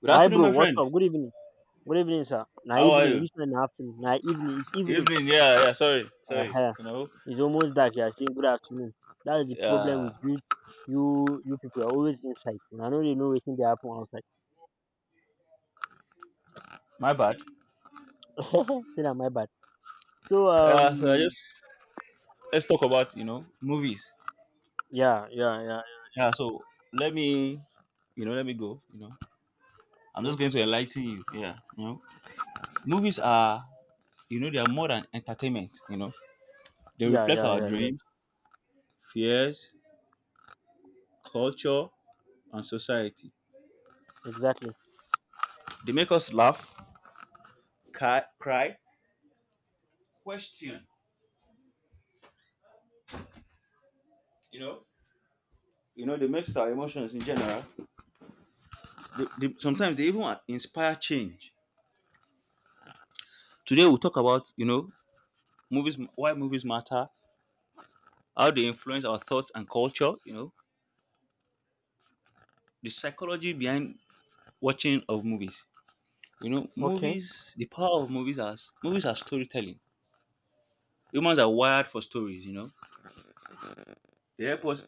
Good My afternoon, bro, my what's friend. up? Good evening. Good evening, sir. Na How are evening. you? Which one na afternoon? Na evening. It's evening. Evening. Yeah, yeah. Sorry, sorry. Uh-huh. You know, It's almost dark. You are saying good afternoon. That is the problem yeah. with you. You people are always inside. I know they know waiting they happen outside. My bad. Say na my bad. So Yeah. So I just let's talk about movies. yeah yeah yeah Yeah. So let me, let me go. I'm yeah just going to enlighten you. Yeah. Movies are they are more than entertainment. They yeah reflect yeah our yeah yeah dreams, fears, culture, and society. Exactly. They make us laugh, cry, question. You know, they mess with our emotions in general. Sometimes they even inspire change. Today we'll talk about movies, why movies matter, how they influence our thoughts and culture. The psychology behind watching of movies. You know Okay. movies, the power of movies as movies are storytelling. Humans are wired for stories. You know they help us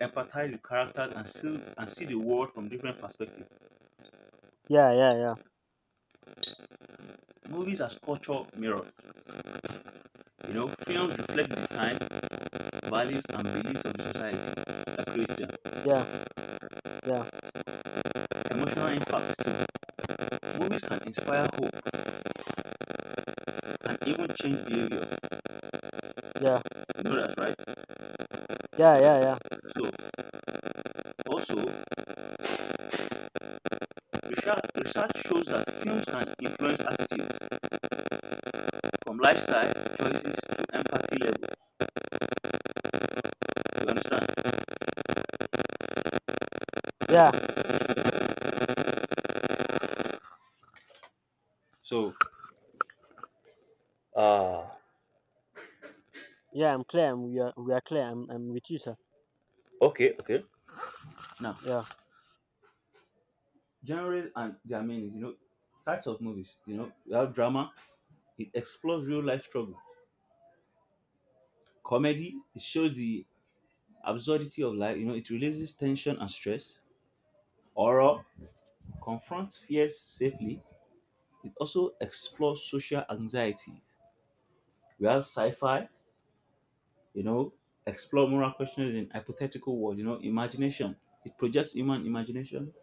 empathize with characters and see the world from different perspectives. Yeah yeah yeah Movies as cultural mirrors. You know films reflect the time, values, and beliefs of the society that creates them. yeah yeah Emotional impact too. Movies can inspire hope and even change behavior. yeah You know that, right? yeah yeah yeah So, also, research shows that films can influence attitudes from lifestyle choices to empathy level. You understand? yeah So, Ah, yeah. I'm clear. We are clear. I'm with you, sir. okay, okay. Now, Yeah genres and their meanings, you know, types of movies, you know, you have drama, it explores real life struggle. Comedy, it shows the absurdity of life, you know, it releases tension and stress. Horror confronts fears safely. It also explores social anxiety. We have sci-fi, you know, explore moral questions in hypothetical world, you know, imagination. It projects human imagination.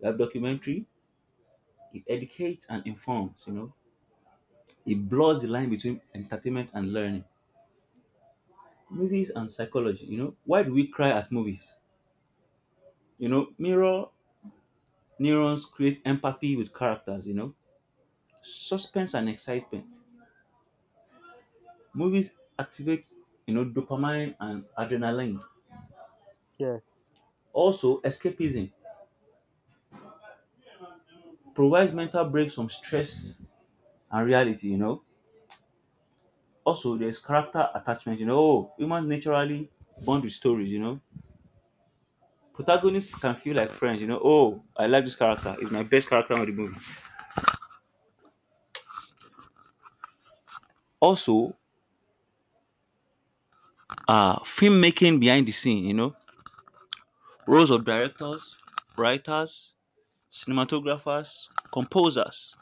We have documentary. It educates and informs, It blurs the line between entertainment and learning. Movies and psychology, Why do we cry at movies? You know, mirror neurons create empathy with characters, Suspense and excitement. Movies activate, dopamine and adrenaline. yeah. Also, escapism provides mental breaks from stress and reality, Also, there's character attachment, Oh, humans naturally bond with stories, Protagonists can feel like friends, Oh, I like this character. It's my best character on the movie. Also, filmmaking behind the scene, you know. Roles of directors, writers, cinematographers, composers.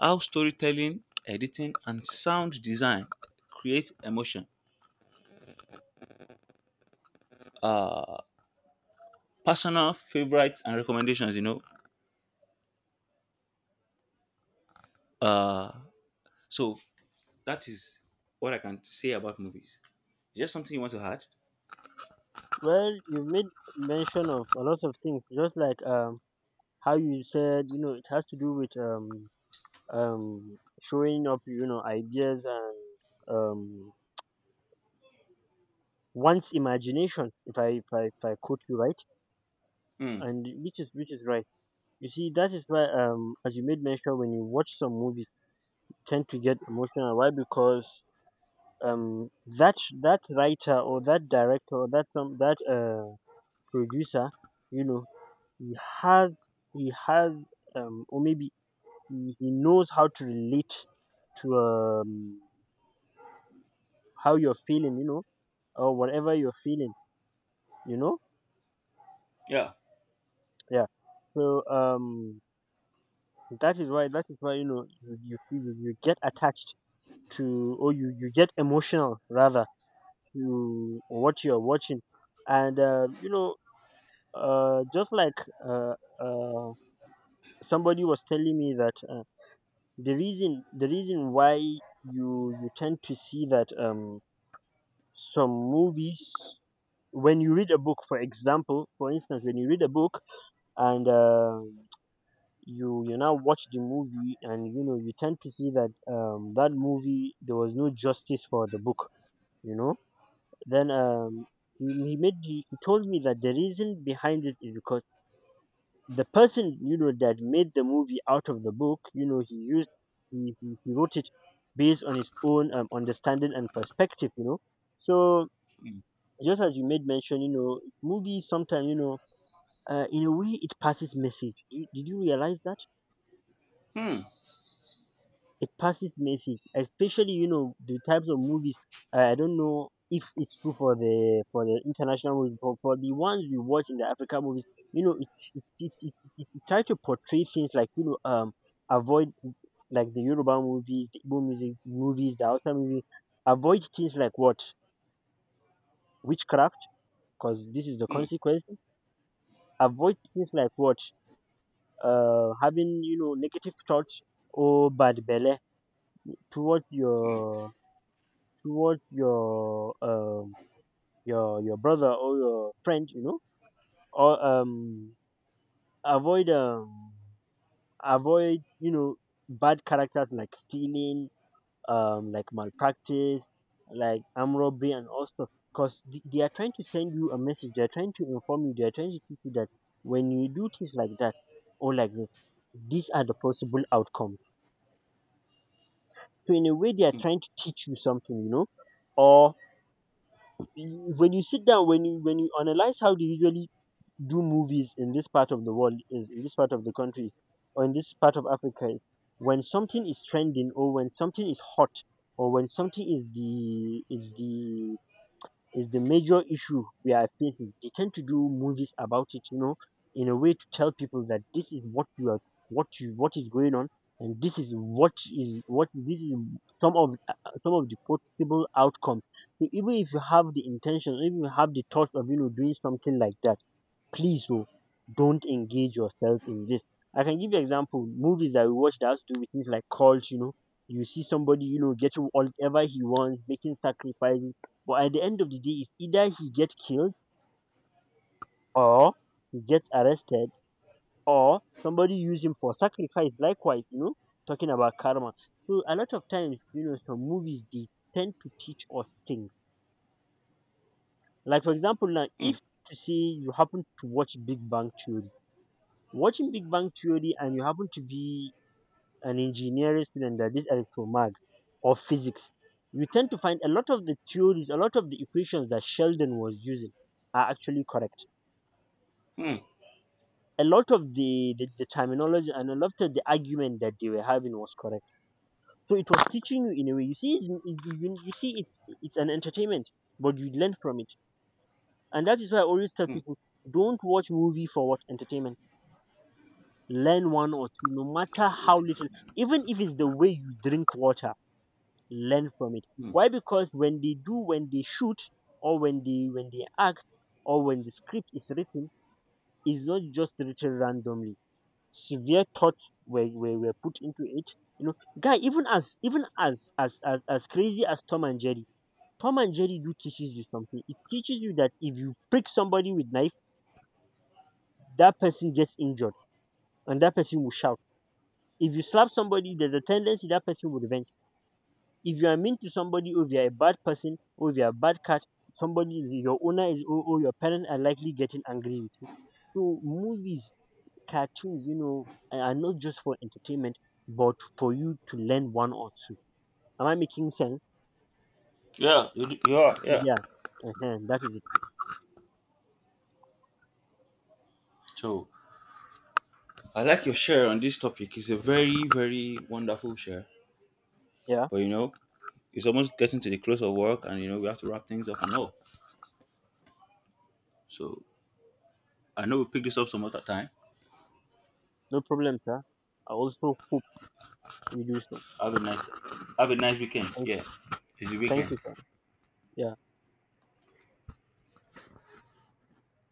How storytelling, editing, and sound design create emotion. Uh, personal favorites and recommendations, you know. Uh, So that is what I can say about movies. Is there something you want to add? Well, you've made mention of a lot of things, just like how you said, you know, it has to do with showing up, you know, ideas and um one's imagination, if I quote you right, Hmm. and which is right. You see, that is why as you made mention when you watch some movies, you tend to get emotional. Why? Because um that that writer or that director or that some that producer, you know, he he has or maybe he knows how to relate to how you're feeling, you know, or whatever you're feeling, you know Yeah. yeah. so um That is why, you know, you get attached to, or you get emotional rather, to what you're watching. And you know, just like, uh uh somebody was telling me that, the reason why you tend to see that some movies, when you read a book, for example, for instance when you read a book and you now watch the movie, and you know, you tend to see that that movie, there was no justice for the book, you know. Then he made he told me that the reason behind it is because the person, you know, that made the movie out of the book, you know, he wrote it based on his own, understanding and perspective, you know. So just as you made mention, you know, movies sometimes, you know, in a way it passes message. Did did you realize that Hmm. it passes message, especially, you know, the types of movies? I don't know if it's true for the international movies, but for the ones we watch, in the african movies, you know, it it try to portray things like, you know, avoid, like the yoruba movies, the igbo music movies, the hausa movie, avoid things like what? Witchcraft, because this is the Hmm. consequence. Avoid things like what? Having, you know, negative thoughts, or bad belly towards your, towards your um your brother or your friend, you know, or avoid, avoid, you know, bad characters, like stealing, like malpractice, like arm robbery and all stuff, because they are trying to send you a message, they are trying to inform you, they are trying to teach you that when you do things like that, or like this, these are the possible outcomes. So in a way they are Hmm. trying to teach you something, you know. Or when you sit down, when you analyze how they usually do movies in this part of the world, is in this part of the country, or in this part of Africa, when something is trending, or when something is hot, or when something is the major issue we are facing. They tend to do movies about it, you know, in a way to tell people that this is what you are, what is going on, and this is what this is some of the possible outcomes. So even if you have the intention, even if you have the thought of, you know, doing something like that, please, oh, don't engage yourself in this. I can give you example movies that we watch that has to do with things like cult. You know, you see somebody, you know, getting whatever he wants, making sacrifices, but at the end of the day, it's either he gets killed, or he gets arrested, or somebody use him for sacrifice. Likewise, you know, talking about karma. So a lot of times, you know, some movies they tend to teach us things. Like for example, now, Hmm. if to say you happen to watch Big Bang Theory, watching Big Bang Theory and you happen to be an engineering student that did electromag or physics, you tend to find a lot of the theories, a lot of the equations that Sheldon was using are actually correct. Hmm. A lot of the, terminology and a lot of the argument that they were having was correct. So it was teaching you in a way. You see, you see, it's an entertainment, but you learn from it, and that is why I always tell Hmm. people: don't watch movie for what? Entertainment. Learn one or two, no matter how little. Even if it's the way you drink water, learn from it. Hmm. Why? Because when they do, when they shoot, or when they act, or when the script is written, it's not just written randomly, severe thoughts were put into it. You know, guy, even as crazy as Tom and Jerry do teaches you something. It teaches you that if you prick somebody with knife, that person gets injured, and that person will shout. If you slap somebody, there's a tendency that person will revenge. If you are mean to somebody, or if you're a bad person, or if you're a bad cat, somebody, your owner is, or your parents are likely getting angry with you. So movies, cartoons, you know, are not just for entertainment, but for you to learn one or two. Am I making sense? Yeah. You are. Yeah. Yeah. uh That is it. So I like your share on this topic. It's a very, very wonderful share. Yeah. But you know, it's almost getting to the close of work, and you know we have to wrap things up and all. So I know we pick this up some other time. No problem, sir. I also hope we do so. Have a nice. Have a nice weekend. Thank you. Yeah. It's the Thank weekend. you, sir. Yeah.